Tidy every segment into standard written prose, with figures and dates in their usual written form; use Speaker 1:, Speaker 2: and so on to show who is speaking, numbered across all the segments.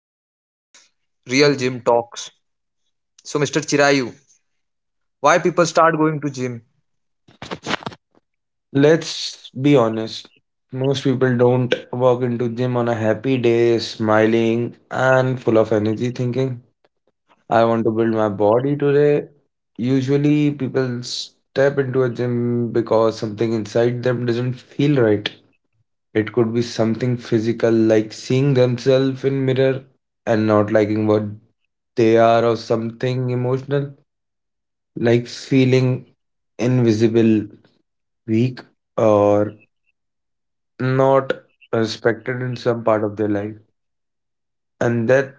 Speaker 1: gym life, real gym talks. So, Mr. Chirayu, why people start going to gym?
Speaker 2: Let's be honest. Most people don't walk into gym on a happy day, smiling and full of energy, thinking, I want to build my body today. Usually, people step into a gym because something inside them doesn't feel right. It could be something physical, like seeing themselves in mirror and not liking what they are, or something emotional, like feeling invisible, weak, or not respected in some part of their life. And that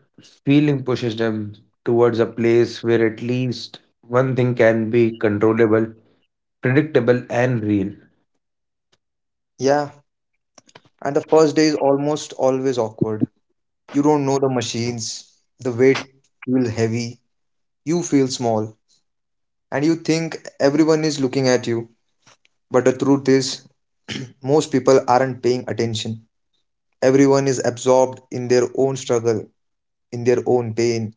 Speaker 2: feeling pushes them towards a place where at least one thing can be controllable, predictable, and real.
Speaker 1: Yeah, and the first day is almost always awkward. You don't know the machines, the weight feels heavy, you feel small, and you think everyone is looking at you. But the truth is, most people aren't paying attention. Everyone is absorbed in their own struggle, in their own pain,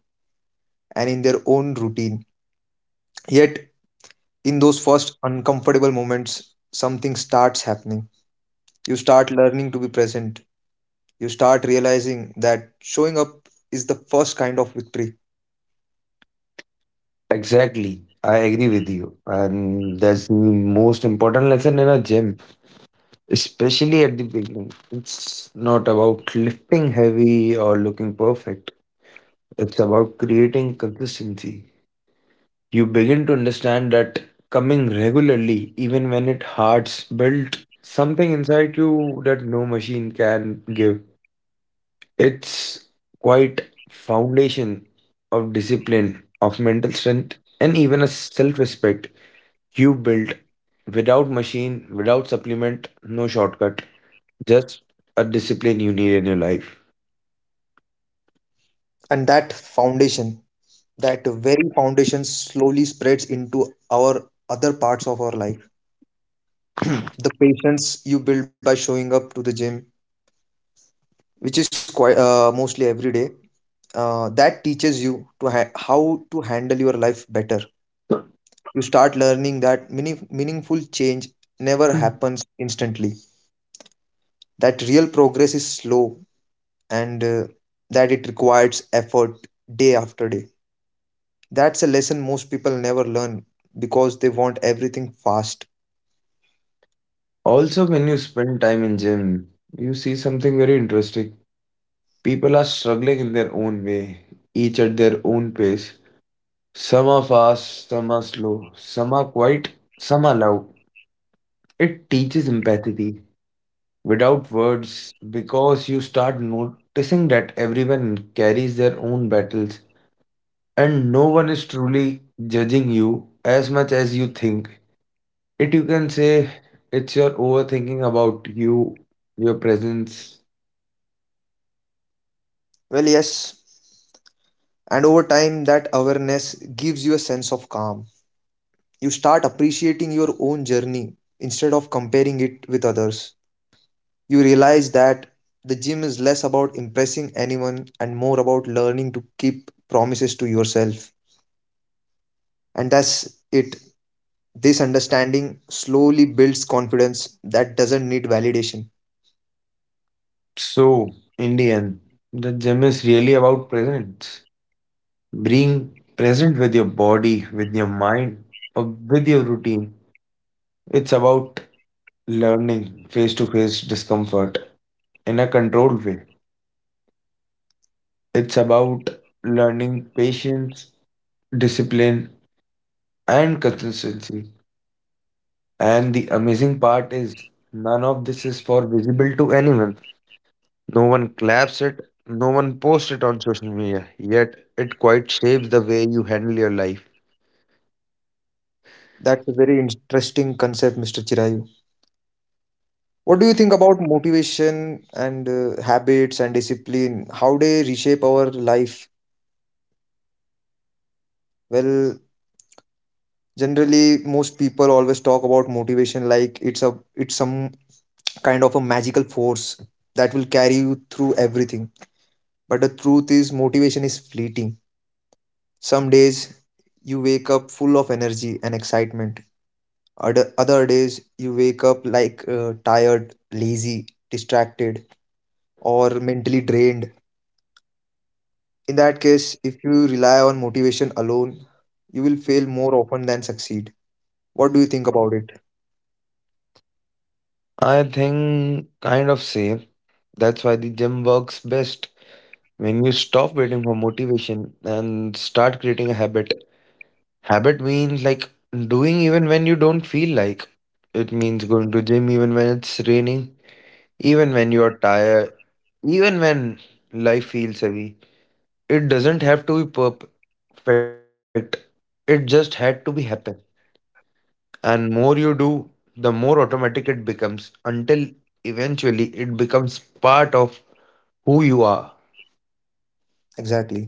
Speaker 1: and in their own routine. Yet, in those first uncomfortable moments, something starts happening. You start learning to be present. You start realizing that showing up is the first kind of victory.
Speaker 2: Exactly. I agree with you. And that's the most important lesson in a gym, especially at the beginning. It's not about lifting heavy or looking perfect, it's about creating consistency. You begin to understand that coming regularly, even when it hurts, built something inside you that no machine can give. It's quite foundation of discipline, of mental strength, and even a self-respect you build without machine, without supplement, no shortcut, just a discipline you need in your life.
Speaker 1: And that foundation, that very foundation, slowly spreads into our other parts of our life. The patience you build by showing up to the gym, which is quite mostly every day, that teaches you to how to handle your life better. You start learning that meaningful change never happens instantly, that real progress is slow, and that it requires effort day after day. That's a lesson most people never learn because they want everything fast.
Speaker 2: Also, when you spend time in gym, you see something very interesting. People are struggling in their own way, each at their own pace. Some are fast, some are slow, some are quiet, some are loud. It teaches empathy without words because you start noticing that everyone carries their own battles and no one is truly judging you as much as you think. It you can say it's your overthinking about you, your presence.
Speaker 1: Well, yes, and over time that awareness gives you a sense of calm. You start appreciating your own journey instead of comparing it with others. You realize that the gym is less about impressing anyone and more about learning to keep promises to yourself. And that's it. This understanding slowly builds confidence that doesn't need validation.
Speaker 2: So, in the end, the gym is really about presence. Being present with your body, with your mind, or with your routine. It's about learning face to face discomfort in a controlled way. It's about learning patience, discipline, and consistency. And the amazing part is, none of this is for visible to anyone. No one claps it, no one posts it on social media, yet it quite shapes the way you handle your life.
Speaker 1: That's a very interesting concept, Mr. Chirayu. What do you think about motivation and habits and discipline? How they reshape our life? Well, generally most people always talk about motivation like it's some kind of a magical force that will carry you through everything. But the truth is motivation is fleeting. Some days you wake up full of energy and excitement. Other days you wake up like tired, lazy, distracted, or mentally drained. In that case, if you rely on motivation alone, you will fail more often than succeed. What do you think about it?
Speaker 2: I think kind of same. That's why the gym works best when you stop waiting for motivation and start creating a habit. Habit means like doing even when you don't feel like. It means going to gym even when it's raining, even when you're tired, even when life feels heavy. It doesn't have to be perfect. It just had to be happen. And more you do, the more automatic it becomes until eventually it becomes part of who you are.
Speaker 1: Exactly.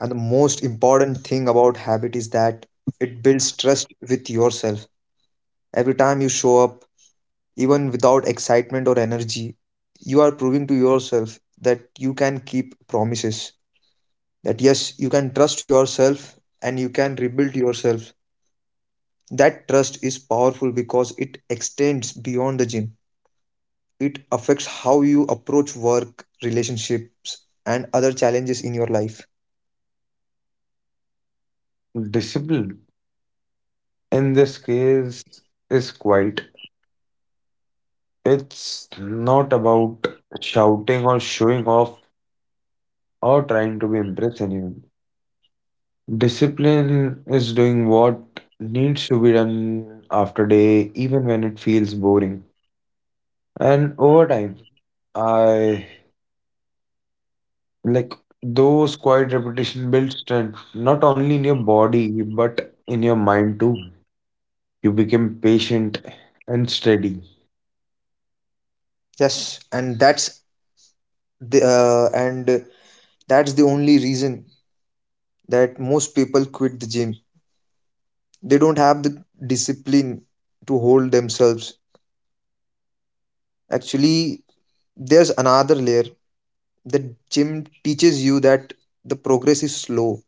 Speaker 1: And the most important thing about habit is that it builds trust with yourself. Every time you show up, even without excitement or energy, you are proving to yourself that you can keep promises. That yes, you can trust yourself and you can rebuild yourself. That trust is powerful because it extends beyond the gym. It affects how you approach work, relationships, and other challenges in your life.
Speaker 2: Discipline in this case is quite. It's not about shouting or showing off or trying to be impress anyone. Discipline is doing what needs to be done after day, even when it feels boring. And over time, I like those quiet repetition builds strength, not only in your body, but in your mind too. You become patient and steady.
Speaker 1: Yes, and the uh, and That's the only reason that most people quit the gym. They don't have the discipline to hold themselves. Actually, there's another layer. The gym teaches you that the progress is slow.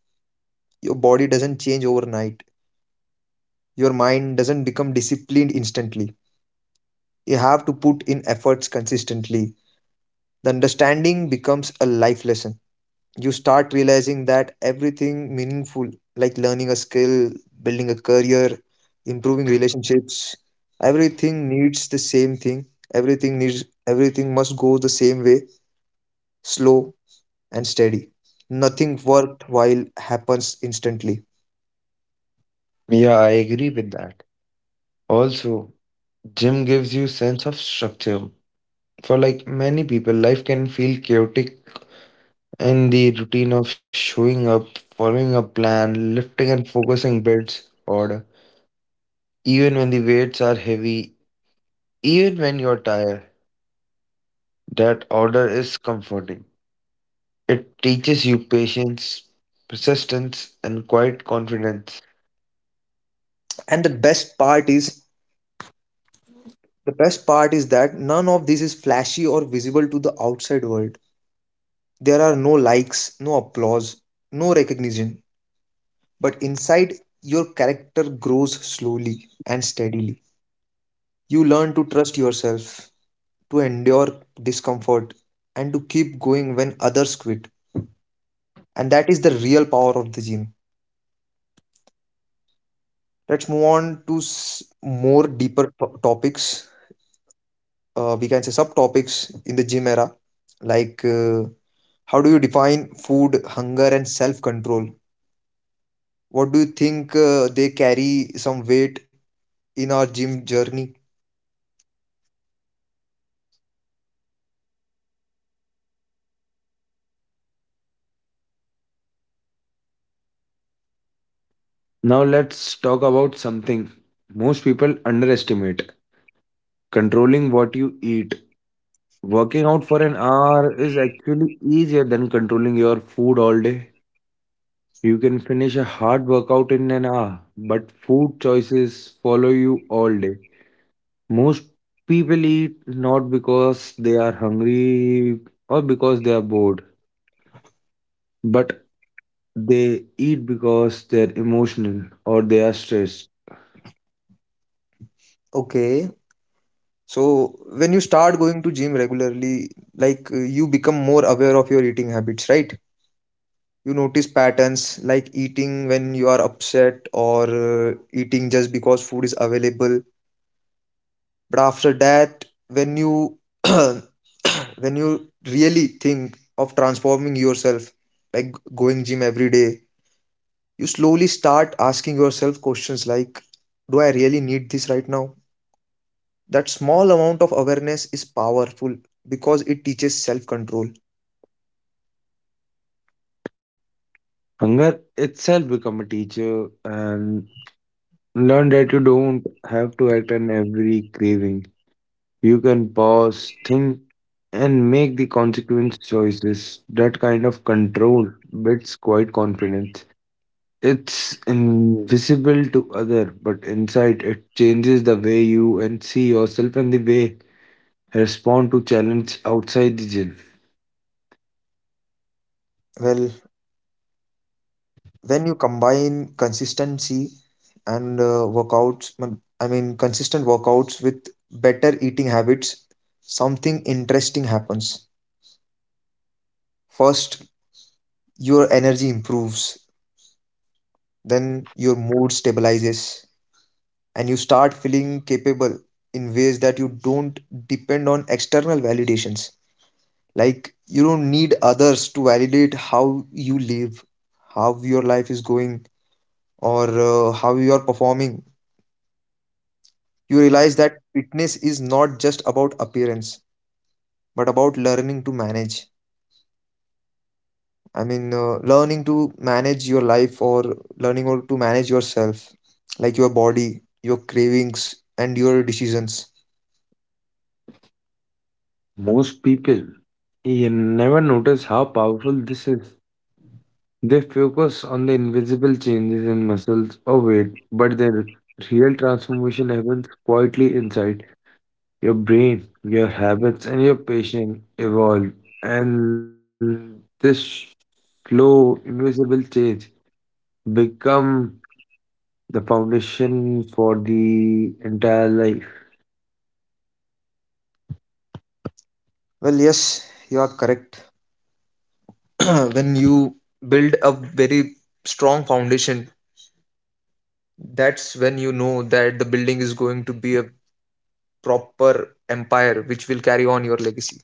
Speaker 1: Your body doesn't change overnight. Your mind doesn't become disciplined instantly. You have to put in efforts consistently. The understanding becomes a life lesson. You start realizing that everything meaningful, like learning a skill, building a career, improving relationships, everything needs the same thing. Everything must go the same way, slow and steady. Nothing worthwhile happens instantly.
Speaker 2: Yeah, I agree with that. Also, gym gives you sense of structure. For like many people, life can feel chaotic in the routine of showing up, following a plan, lifting and focusing bits order. Even when the weights are heavy, even when you're tired, that order is comforting. It teaches you patience, persistence, and quiet confidence.
Speaker 1: And the best part is that none of this is flashy or visible to the outside world. There are no likes, no applause, no recognition. But inside, your character grows slowly and steadily. You learn to trust yourself, to endure discomfort, and to keep going when others quit. And that is the real power of the gym. Let's move on to more deeper topics. We can say subtopics in the gym era, like how do you define food, hunger, and self control? What do you think they carry some weight in our gym journey?
Speaker 2: Now let's talk about something most people underestimate controlling what you eat. Working out for an hour is actually easier than controlling your food all day. You can finish a hard workout in an hour, but food choices follow you all day. Most people eat not because they are hungry or because they are bored, but they eat because they're emotional or they are stressed.
Speaker 1: Okay, so when you start going to gym regularly, like you become more aware of your eating habits, right? You notice patterns like eating when you are upset or eating just because food is available. But after that, when you when you really think of transforming yourself, like going gym every day, you slowly start asking yourself questions like, do I really need this right now? That small amount of awareness is powerful because it teaches self control.
Speaker 2: Hunger itself become a teacher and learn that you don't have to act on every craving. You can pause, think, and make the consequence choices. That kind of control builds quite confidence. It's invisible to other, but inside it changes the way you and see yourself and the way respond to challenge outside the gym.
Speaker 1: Well, when you combine consistency and workouts mm, I mean consistent workouts with better eating habits, something interesting happens. First, your energy improves. Then your mood stabilizes and you start feeling capable in ways that you don't depend on external validations. Like, you don't need others to validate how you live, how your life is going, or how you are performing. You realize that fitness is not just about appearance, but about learning to manage. I mean, learning to manage your life, or learning or to manage yourself, like your body, your cravings, and your decisions.
Speaker 2: Most people you never notice how powerful this is. They focus on the invisible changes in muscles or weight, but their real transformation happens quietly inside. Your brain, your habits, and your patience evolve, and this slow, invisible change become the foundation for the entire life.
Speaker 1: Well, yes, you are correct. When you build a very strong foundation, that's when you know that the building is going to be a proper empire which will carry on your legacy.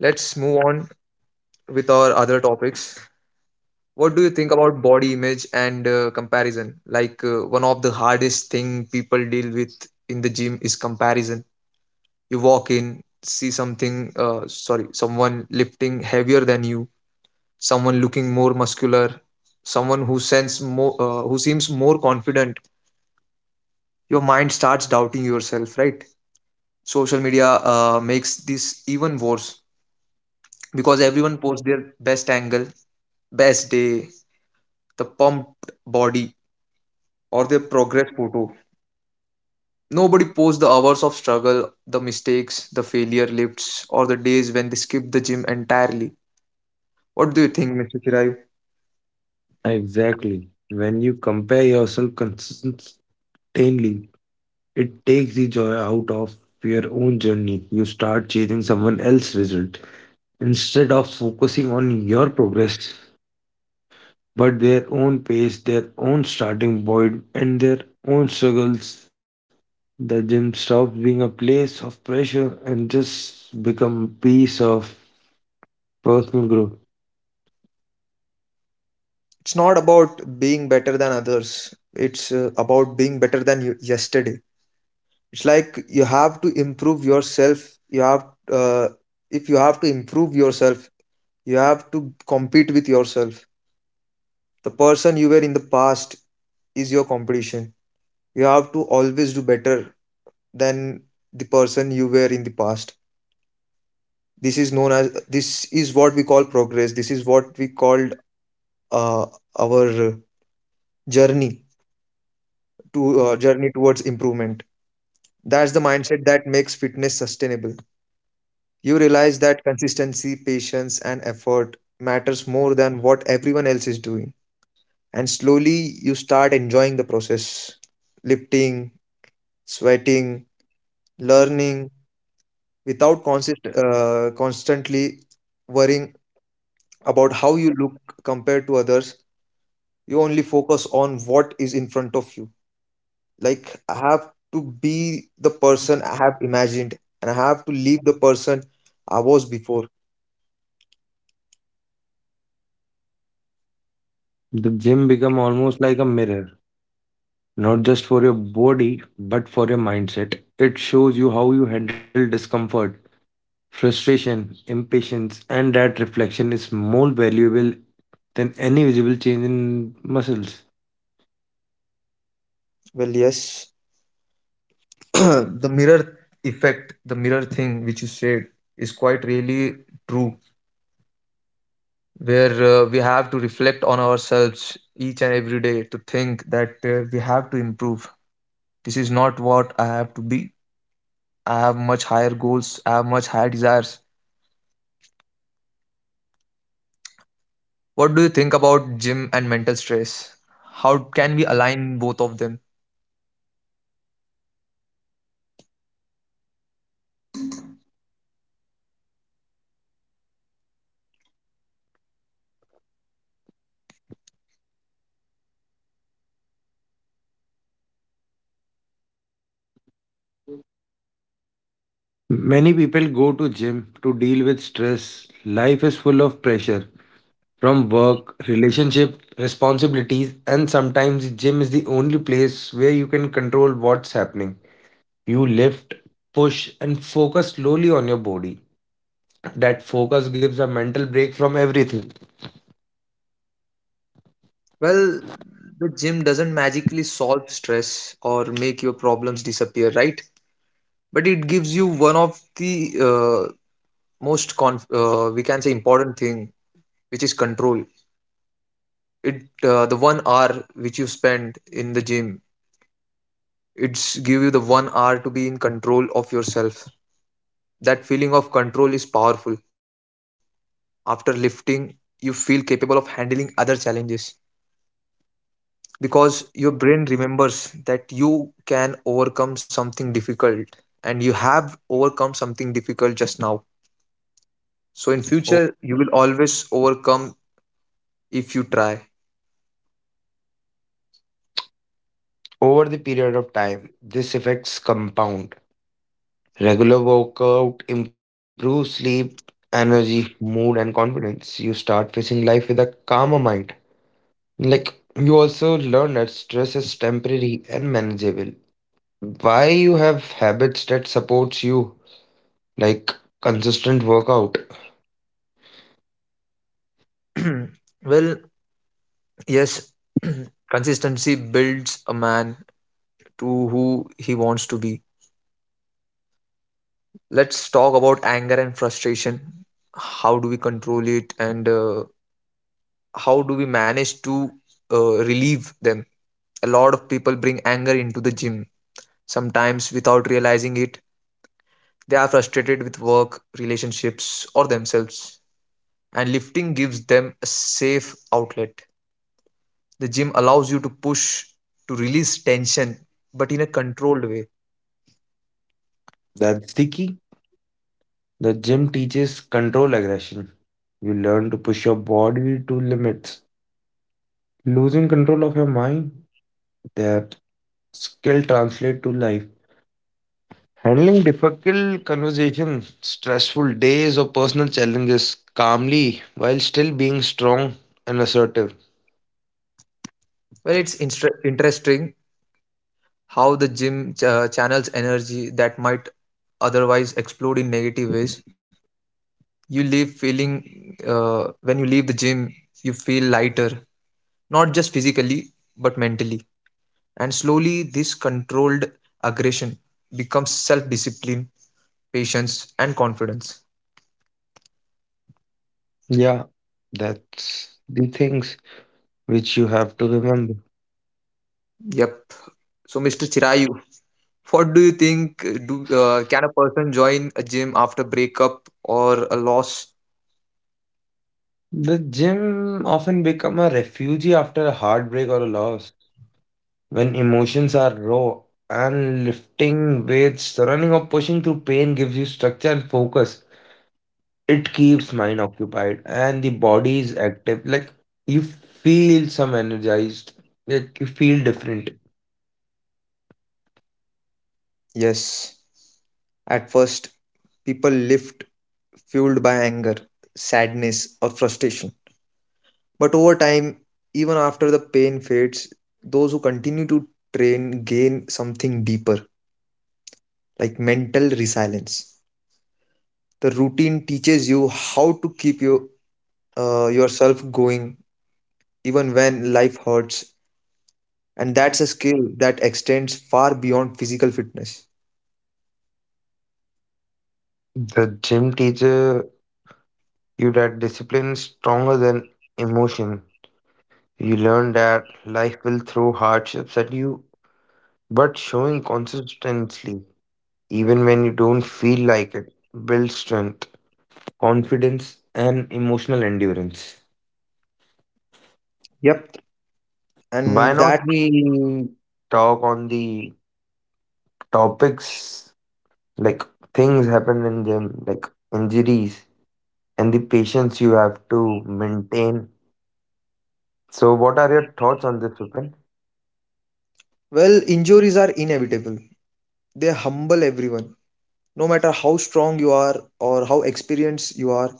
Speaker 1: Let's move on with our other topics. What do you think about body image and comparison? Like one of the hardest thing people deal with in the gym is comparison. You walk in, see someone lifting heavier than you, someone looking more muscular, someone who seems more confident. Your mind starts doubting yourself, right? Social media makes this even worse because everyone posts their best angle, best day, the pumped body, or their progress photo. Nobody posts the hours of struggle, the mistakes, the failure lifts, or the days when they skip the gym entirely. What do you think, Mr. Chirai?
Speaker 2: Exactly. When you compare yourself consistently, it takes the joy out of your own journey. You start chasing someone else's result instead of focusing on your progress, but their own pace, their own starting point, and their own struggles. The gym stops being a place of pressure and just become a piece of personal growth.
Speaker 1: It's not about being better than others. It's about being better than you yesterday. It's like you have to improve yourself. You have uh, if you have to improve yourself, you have to compete with yourself. The person you were in the past is your competition. You have to always do better than the person you were in the past. This is what we call progress. This is what we called uh, our journey journey towards improvement. That's the mindset that makes fitness sustainable. You realize that consistency, patience, and effort matters more than what everyone else is doing. And slowly you start enjoying the process, lifting, sweating, learning, without constantly worrying about how you look compared to others. You only focus on what is in front of you, like I have to be the person I have imagined and I have to leave the person I was before.
Speaker 2: The gym become almost like a mirror, not just for your body, but for your mindset. It shows you how you handle discomfort, frustration, impatience, and that reflection is more valuable than any visible change in muscles.
Speaker 1: Well, yes. the mirror the mirror thing which you said is quite really true, where we have to reflect on ourselves each and every day to think that we have to improve. This is not what I have to be. I have much higher goals, I have much higher desires. What do you think about gym and mental stress? How can we align both of them?
Speaker 2: Many people go to gym to deal with stress. Life is full of pressure from work, relationship, responsibilities, and sometimes gym is the only place where you can control what's happening. You lift, push, and focus slowly on your body. That focus gives a mental break from everything.
Speaker 1: Well, the gym doesn't magically solve stress or make your problems disappear, right? But it gives you one of the we can say important thing, which is control. It uh, the 1 hour which you spend in the gym, it's give you the 1 hour to be in control of yourself. That feeling of control is powerful. After lifting, you feel capable of handling other challenges because your brain remembers that you can overcome something difficult, and you have overcome something difficult just now, so in
Speaker 2: O-
Speaker 1: future you will always overcome if you try.
Speaker 2: Over the period of time, this effects compound. Regular workout improves sleep, energy, mood, and confidence. You start facing life with a calmer mind. Like you also learn that stress is temporary and manageable. Why you have habits that supports you, like consistent workout.
Speaker 1: Well, yes. Consistency builds a man to who he wants to be. Let's talk about anger and frustration. How do we control it, and how do we manage to relieve them? A lot of people bring anger into the gym, sometimes without realizing it. They are frustrated with work, relationships, or themselves, and lifting gives them a safe outlet. The gym allows you to push to release tension, but in a controlled way.
Speaker 2: That's the key. The gym teaches control aggression. You learn to push your body to limits. Losing control of your mind, that skill translate to life. Handling difficult conversations, stressful days or personal challenges calmly while still being strong and assertive.
Speaker 1: Well, it's interesting how the gym channels energy that might otherwise explode in negative ways. You leave feeling When you leave the gym, you feel lighter, not just physically, but mentally. And slowly this controlled aggression becomes self discipline, patience, and confidence.
Speaker 2: Yeah, that's the things which you have to remember.
Speaker 1: Yep. So, Mr. Chirayu, what do you think, do can a person join a gym after breakup or a loss?
Speaker 2: The gym often become a refuge after a heartbreak or a loss. When emotions are raw and lifting weights, running or pushing through pain gives you structure and focus. It keeps mind occupied and the body is active. Like you feel some energized. Like you feel different.
Speaker 1: Yes, at first people live fueled by anger, sadness, or frustration. But over time, even after the pain fades, those who continue to train gain something deeper, like mental resilience. The routine teaches you how to keep yourself going even when life hurts, and that's a skill that extends far beyond physical fitness.
Speaker 2: The gym teacher you that discipline is stronger than emotion. You learn that life will throw hardships at you, but showing consistency, even when you don't feel like it, builds strength, confidence, and emotional endurance.
Speaker 1: Yep,
Speaker 2: Why
Speaker 1: and
Speaker 2: not
Speaker 1: that,
Speaker 2: we talk on the topics like things happen in them, like injuries and the patience you have to maintain? So, what are your thoughts on this, Vipin?
Speaker 1: well, injuries are inevitable, they humble everyone no matter how strong you are or how experienced you are.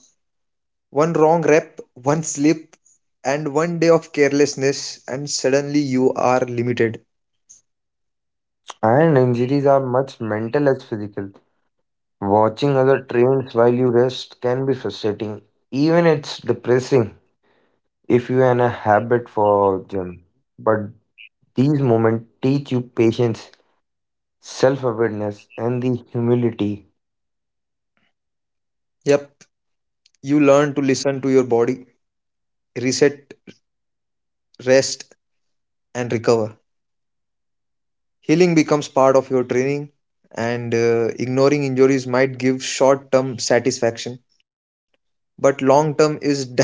Speaker 1: One wrong rep, one slip, and one day of carelessness, and suddenly you are limited.
Speaker 2: And injuries are much mental as physical. Watching other trains while you rest can be frustrating. Even it's depressing if you are in a habit for gym. But these moments teach you patience, self-awareness, and the humility.
Speaker 1: Yep, you learn to listen to your body, reset, rest, and recover. Healing becomes part of your training, and ignoring injuries might give short term satisfaction, but long term is damage.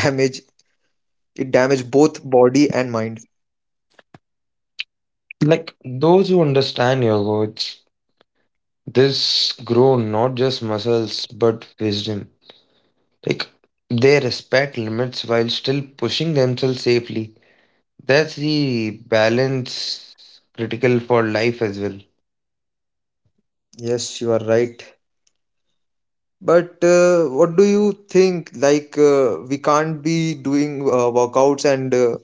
Speaker 1: It damages both body and mind.
Speaker 2: Like those who understand your words, this grow not just muscles but wisdom. Like they respect limits while still pushing themselves safely. That's the balance critical for life as well.
Speaker 1: Yes, you are right. But what do you think? Like, we can't be doing workouts and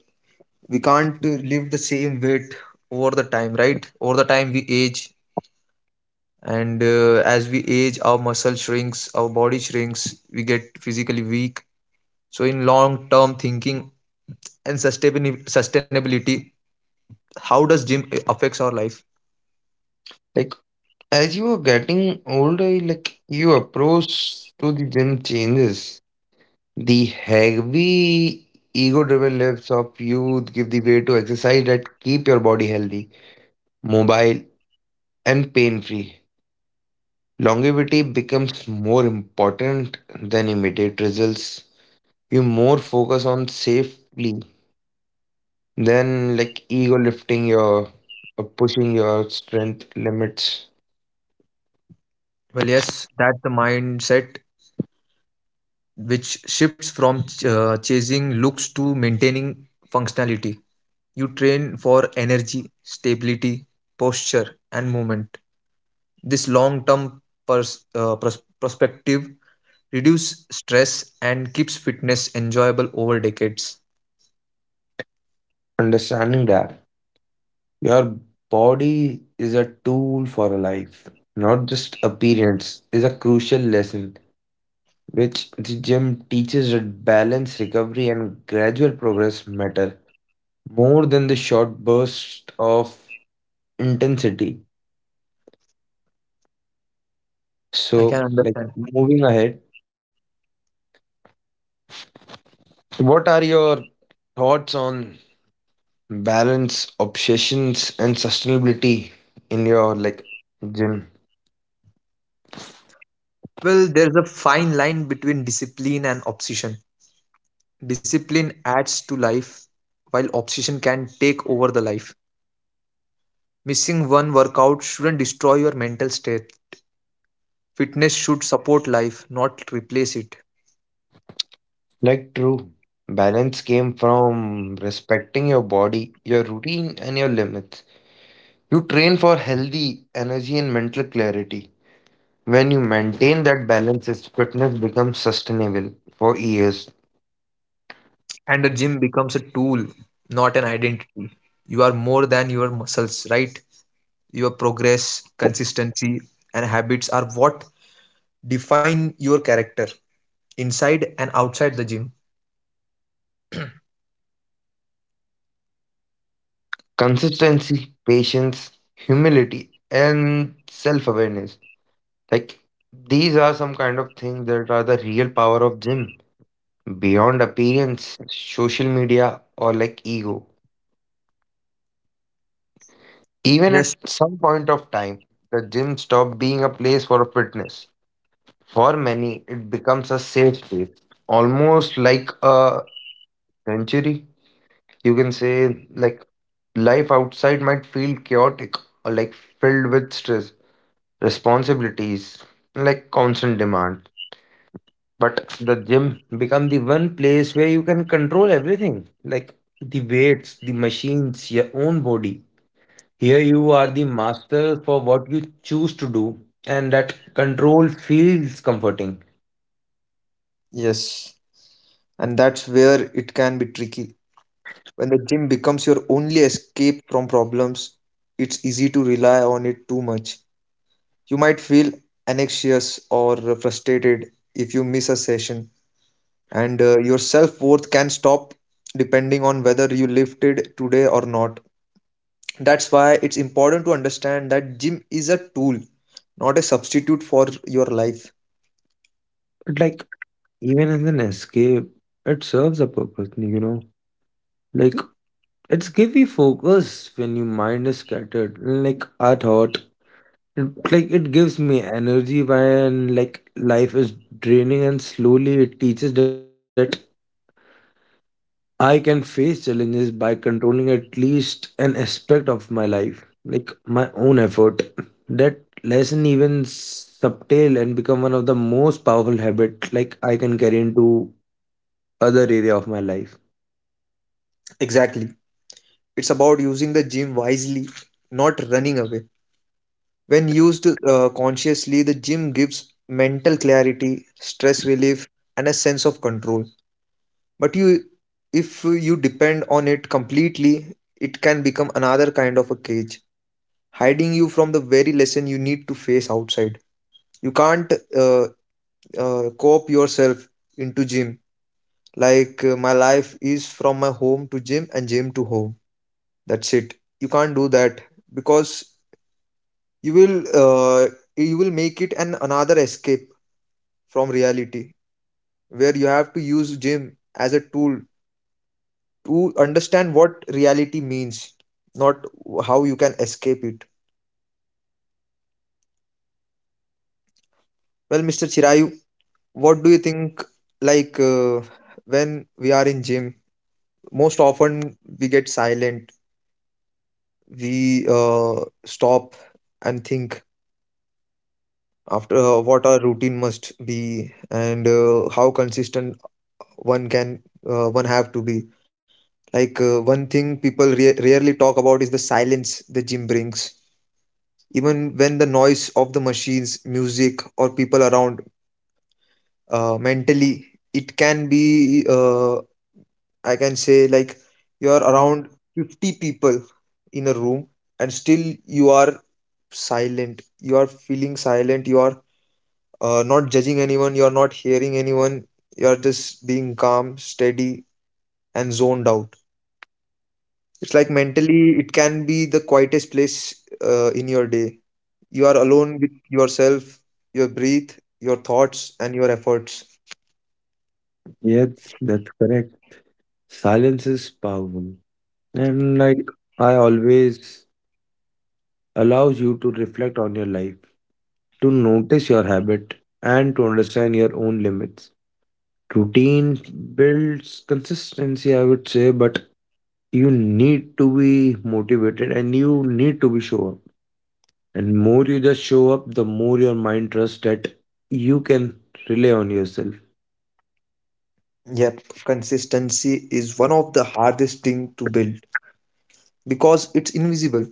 Speaker 1: we can't live the same weight over the time, right? Over the time we age, and as we age, our muscle shrinks, our body shrinks, we get physically weak. So in long term thinking and sustainability, how does gym affects our life?
Speaker 2: Like as you are getting older, like your approach to the gym changes. The heavy ego-driven lives of youth give the way to exercise that keep your body healthy, mobile, and pain-free. Longevity becomes more important than immediate results. You more focus on safely than like ego lifting your or pushing your strength limits.
Speaker 1: Well, yes, that's the mindset which shifts from chasing looks to maintaining functionality. You train for energy, stability, posture, and movement. This long term perspective reduces stress and keeps fitness enjoyable over decades.
Speaker 2: Understanding that. Your body is a tool for life, not just appearance, is a crucial lesson which the gym teaches that balance, recovery, and gradual progress matter more than the short burst of intensity.
Speaker 1: I can
Speaker 2: So, like
Speaker 1: understand.
Speaker 2: moving ahead, what are your thoughts on balance, obsessions, and sustainability in your like gym?
Speaker 1: Well, there's a fine line between discipline and obsession. Discipline adds to life, while obsession can take over the life. Missing one workout shouldn't destroy your mental state. Fitness should support life, not replace it.
Speaker 2: Like true. Balance came from respecting your body, your routine, and your limits. You train for healthy energy and mental clarity. When you maintain that balance, is fitness becomes sustainable for years.
Speaker 1: And the gym becomes a tool, not an identity. You are more than your muscles, right? Your progress, consistency, and habits are what define your character inside and outside the gym.
Speaker 2: Consistency, patience, humility, and self awareness. Like these are some kind of things that are the real power of gym beyond appearance, social media, or like ego. Even at
Speaker 1: Yes.
Speaker 2: some point of time, the gym stopped being a place for fitness. For many, it becomes a safe space, almost like a sanctuary. You can say, like, life outside might feel chaotic or like filled with stress, responsibilities, like constant demand. But the gym become the one place where you can control everything, like the weights, the machines, your own body. Here you are the master for what you choose to do, and that control feels comforting.
Speaker 1: Yes. And that's where it can be tricky. When the gym becomes your only escape from problems, it's easy to rely on it too much. You might feel anxious or frustrated if you miss a session, and your self worth can stop depending on whether you lifted today or not. That's why it's important to understand that gym is a tool, not a substitute for your life.
Speaker 2: But like even as an escape, it serves a purpose, you know. Like it's give you focus when your mind is scattered. Like I thought, it, like it gives me energy when like life is draining, and slowly it teaches that I can face challenges by controlling at least an aspect of my life, like my own effort. That lesson even subtle and become one of the most powerful habits, like I can carry into other area of my life.
Speaker 1: Exactly. It's about using the gym wisely, not running away. When used consciously, the gym gives mental clarity, stress relief, and a sense of control. But you, if you depend on it completely, it can become another kind of a cage, hiding you from the very lesson you need to face outside. You can't cope yourself into gym. Like, my life is from my home to gym and gym to home. That's it. You can't do that, because you will uh, you will make it an another escape from reality, where you have to use gym as a tool to understand what reality means, not how you can escape it. Well, Mr. Chirayu, what do you think, like, when we are in gym, most often we get silent, we stop and think after what our routine must be, and how consistent one can one have to be. Like, one thing people rarely talk about is the silence the gym brings, even when the noise of the machines, music, or people around. Mentally it can be I can say, like, you are around 50 people in a room, and still you are silent, you are feeling silent, you are not judging anyone, you're not hearing anyone, you're just being calm, steady, and zoned out. It's like mentally, it can be the quietest place in your day. You are alone with yourself, your breath, your thoughts, and your efforts.
Speaker 2: Yeah, that's correct. Silence is powerful. And like I always allows you to reflect on your life, to notice your habit and to understand your own limits. Routine builds consistency, I would say, but you need to be motivated and you need to be show up. And more you just show up, the more your mind trusts that you can rely on yourself.
Speaker 1: Yep, consistency is one of the hardest thing to build because it's invisible.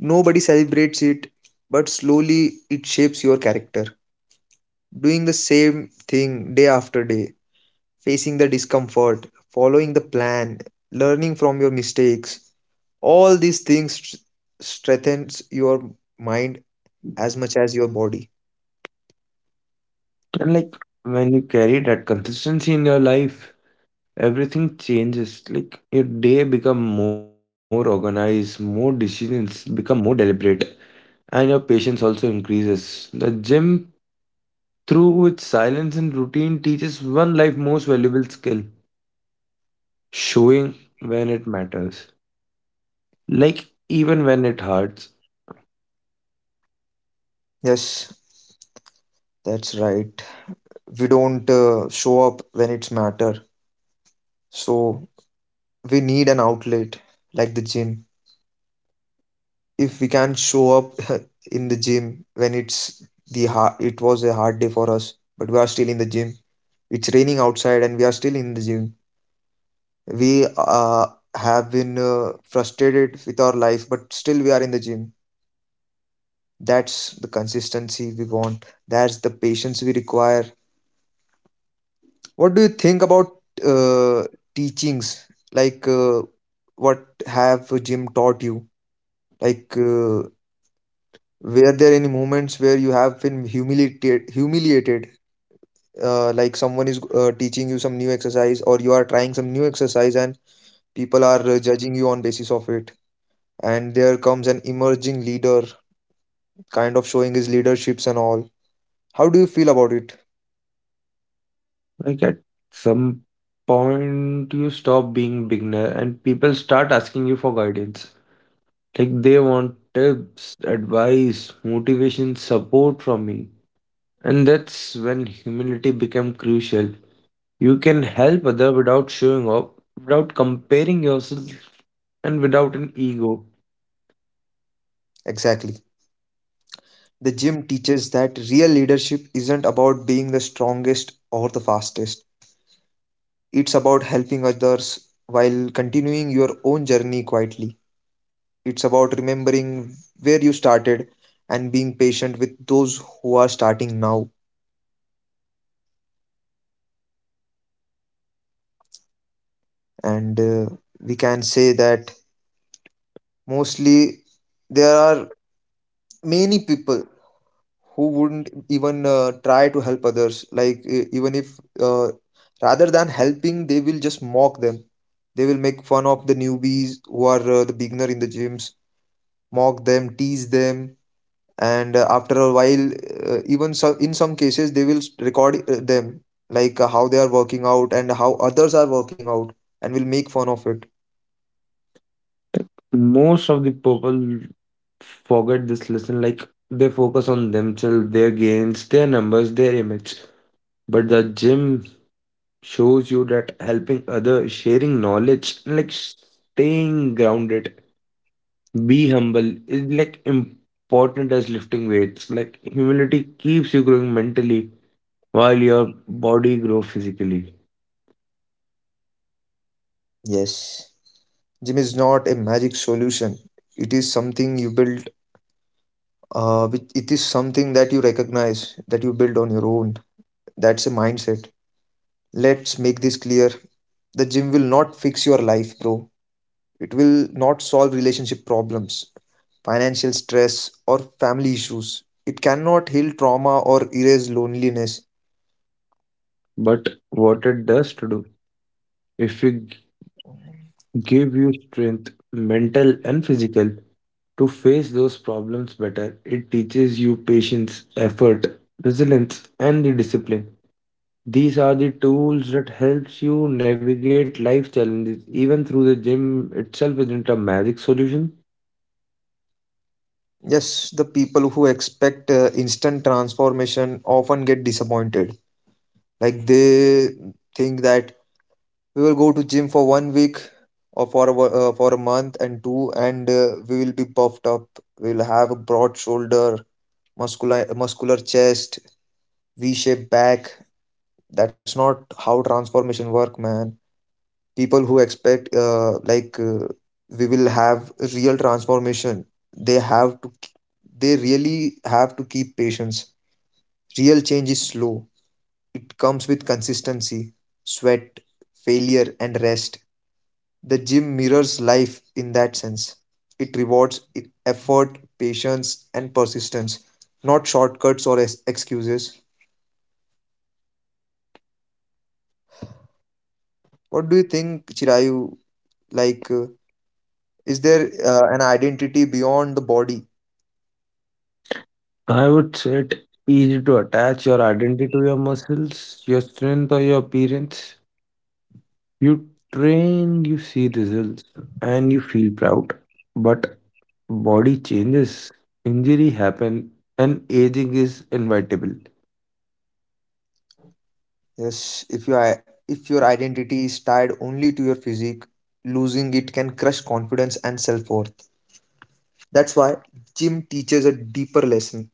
Speaker 1: Nobody celebrates it, but slowly it shapes your character. Doing the same thing day after day, facing the discomfort, following the plan, learning from your mistakes. All these things strengthens your mind as much as your body.
Speaker 2: And like when you carry that consistency in your life, everything changes. Like your day become more organized, more decisions become more deliberate, and your patience also increases. The gym through its silence and routine teaches one life most valuable skill, showing when it matters. Like, even when it hurts,
Speaker 1: Yes, that's right. We don't show up when it's matter. So we need an outlet like the gym. If we can show up in the gym when it's the hard, it was a hard day for us, but we are still in the gym. It's raining outside and we are still in the gym, we have been frustrated with our life, but still we are in the gym. That's the consistency we want, that's the patience we require. What do you think about uh, teachings, like, what have gym taught you? Like, were there any moments where you have been humiliated, like someone is teaching you some new exercise or you are trying some new exercise, and people are judging you on basis of it, and there comes an emerging leader kind of showing his leaderships and all? How do you feel about it?
Speaker 2: like at some point you stop being beginner and people start asking you for guidance. Like they want tips, advice, motivation, support from me. And that's when humility become crucial. You can help other without showing up, without comparing yourself and without an ego.
Speaker 1: Exactly. The gym teaches that real leadership isn't about being the strongest or the fastest, it's about helping others while continuing your own journey quietly. It's about remembering where you started and being patient with those who are starting now. And we can say that mostly there are many people who wouldn't even try to help others. Like, even if, uh, rather than helping, they will just mock them, they will make fun of the newbies who are the beginner in the gyms, mock them, tease them. And after a while, even so, in some cases they will record them, like, how they are working out and how others are working out, and will make fun of it.
Speaker 2: Most of the people forget this lesson like they focus on themselves, their gains, their numbers, their image. But the gym shows you that helping others, sharing knowledge, and like staying grounded, be humble is like important as lifting weights. Like humility keeps you growing mentally while your body grows physically.
Speaker 1: Yes. Gym is not a magic solution, it is something you build. Which, it is something that you recognize that you build on your own. That's a mindset. Let's make this clear: the gym will not fix your life, bro. It will not solve relationship problems, financial stress, or family issues. It cannot heal trauma or erase loneliness.
Speaker 2: But what it does to do, if we give you strength, mental and physical, to face those problems better, it teaches you patience, effort, resilience, and the discipline. These are the tools that helps you navigate life challenges even through the gym itself isn't a magic solution.
Speaker 1: Yes, the people who expect instant transformation often get disappointed. Like, they think that we will go to gym for 1 week or for a, for a month and two, and we will be puffed up, we will have a broad shoulder, muscular chest, v-shaped back. That's not how transformation work, man. People who expect we will have real transformation, they have to they really have to keep patience. Real change is slow. It comes with consistency, sweat, failure, and rest. The gym mirrors life in that sense. It rewards effort, patience, and persistence, not shortcuts or excuses. What do you think, Chirayu? Like, is there an identity beyond the body?
Speaker 2: I would say it easy to attach your identity to your muscles, your strength or your appearance. You train, you see results and you feel proud. But body changes, injury happen and aging is inevitable.
Speaker 1: Yes, if you if your identity is tied only to your physique, losing it can crush confidence and self worth. That's why gym teaches a deeper lesson.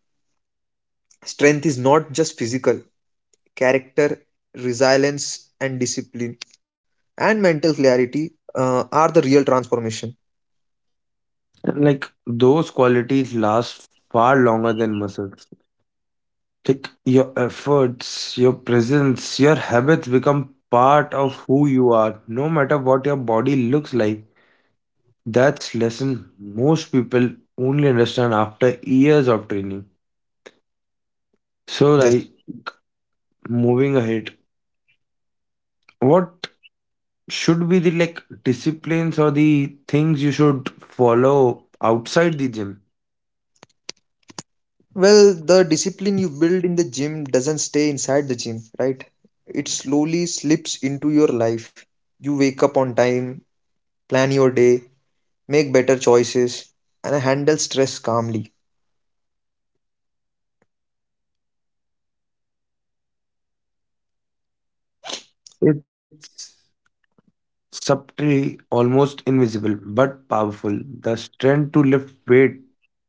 Speaker 1: Strength is not just physical; character, resilience, and discipline and mental clarity are the real transformation.
Speaker 2: And like those qualities last far longer than muscles, like your efforts, your presence, your habits become part of who you are, no matter what your body looks like. That's lesson most people only understand after years of training. So
Speaker 1: Yes.
Speaker 2: like moving ahead, what should be the like disciplines or the things you should follow outside the gym?
Speaker 1: Well, the discipline you build in the gym doesn't stay inside the gym, right? It slowly slips into your life. You wake up on time, plan your day, make better choices, and handle stress calmly.
Speaker 2: It's subtly almost invisible but powerful. The strength to lift weight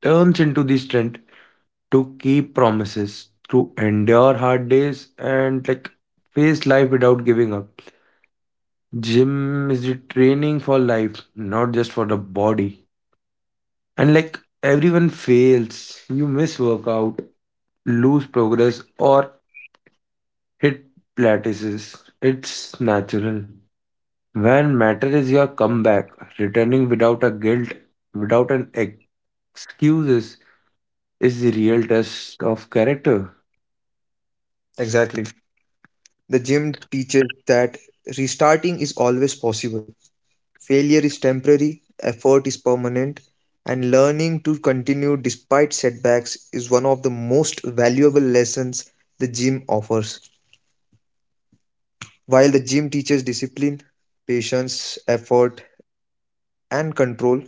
Speaker 2: turns into the strength to keep promises, to endure hard days, and like face life without giving up. Gym is the training for life, not just for the body. And like everyone fails, you miss workout, lose progress, or hit plateaus. It's natural. When matter is your comeback, returning without a guilt, without excuses, is the real test of character.
Speaker 1: Exactly. The gym teaches that restarting is always possible. Failure is temporary, effort is permanent, and learning to continue despite setbacks is one of the most valuable lessons the gym offers. While the gym teaches discipline, patience, effort, and control,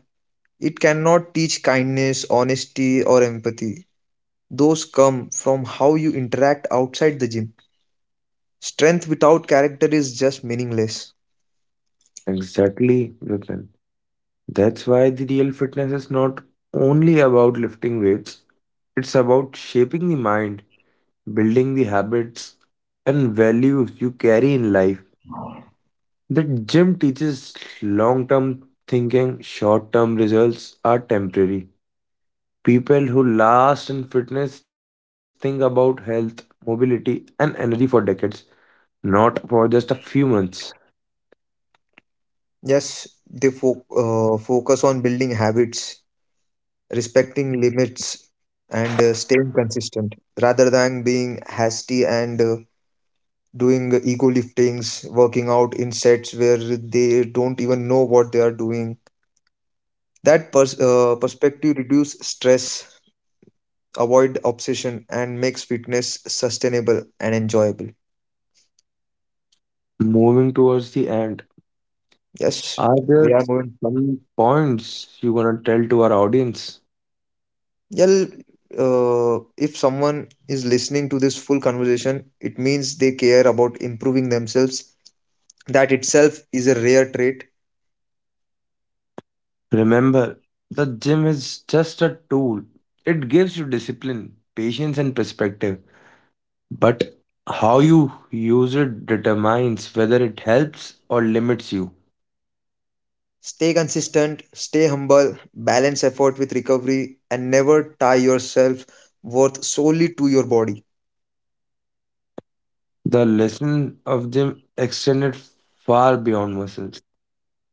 Speaker 1: it cannot teach kindness, honesty, or empathy. Those come from how you interact outside the gym. Strength without character is just meaningless.
Speaker 2: Exactly, Vipin. That's why the real fitness is not only about lifting weights, it's about shaping the mind, building the habits and values you carry in life. The gym teaches long term thinking, short term results are temporary. People who last in fitness think about health, mobility, and energy for decades, not for just a few months.
Speaker 1: Yes, they focus on building habits, respecting limits, and staying consistent, rather than being hasty and doing ego liftings, working out in sets where they don't even know what they are doing. That perspective reduce stress, avoid obsession, and makes fitness sustainable and enjoyable.
Speaker 2: Moving towards the end,
Speaker 1: Yes,
Speaker 2: are
Speaker 1: we
Speaker 2: there
Speaker 1: are going.
Speaker 2: some points you want to tell to our audience?
Speaker 1: Well, if someone is listening to this full conversation, it means they care about improving themselves. That itself is a rare trait.
Speaker 2: Remember, the gym is just a tool. It gives you discipline, patience, and perspective. But how you use it determines whether it helps or limits you.
Speaker 1: Stay consistent, stay humble, balance effort with recovery, and never tie yourself worth solely to your body.
Speaker 2: The lesson of gym extended far beyond muscles.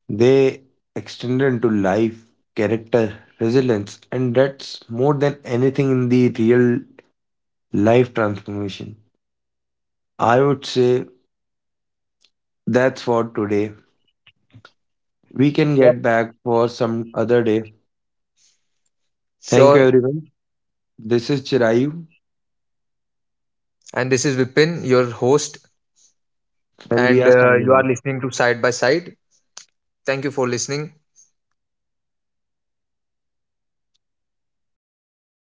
Speaker 2: They extended into life, character, resilience, and that's more than anything in the real life transformation. I would say that's for today. We can
Speaker 1: Yep.
Speaker 2: get back for some other day. Thank you,
Speaker 1: Sure.
Speaker 2: everyone. This is Chirayu,
Speaker 1: And this is Vipin, your host,
Speaker 2: and we
Speaker 1: and
Speaker 2: are signing
Speaker 1: you are
Speaker 2: off.
Speaker 1: listening to Side by Side. Thank you for listening.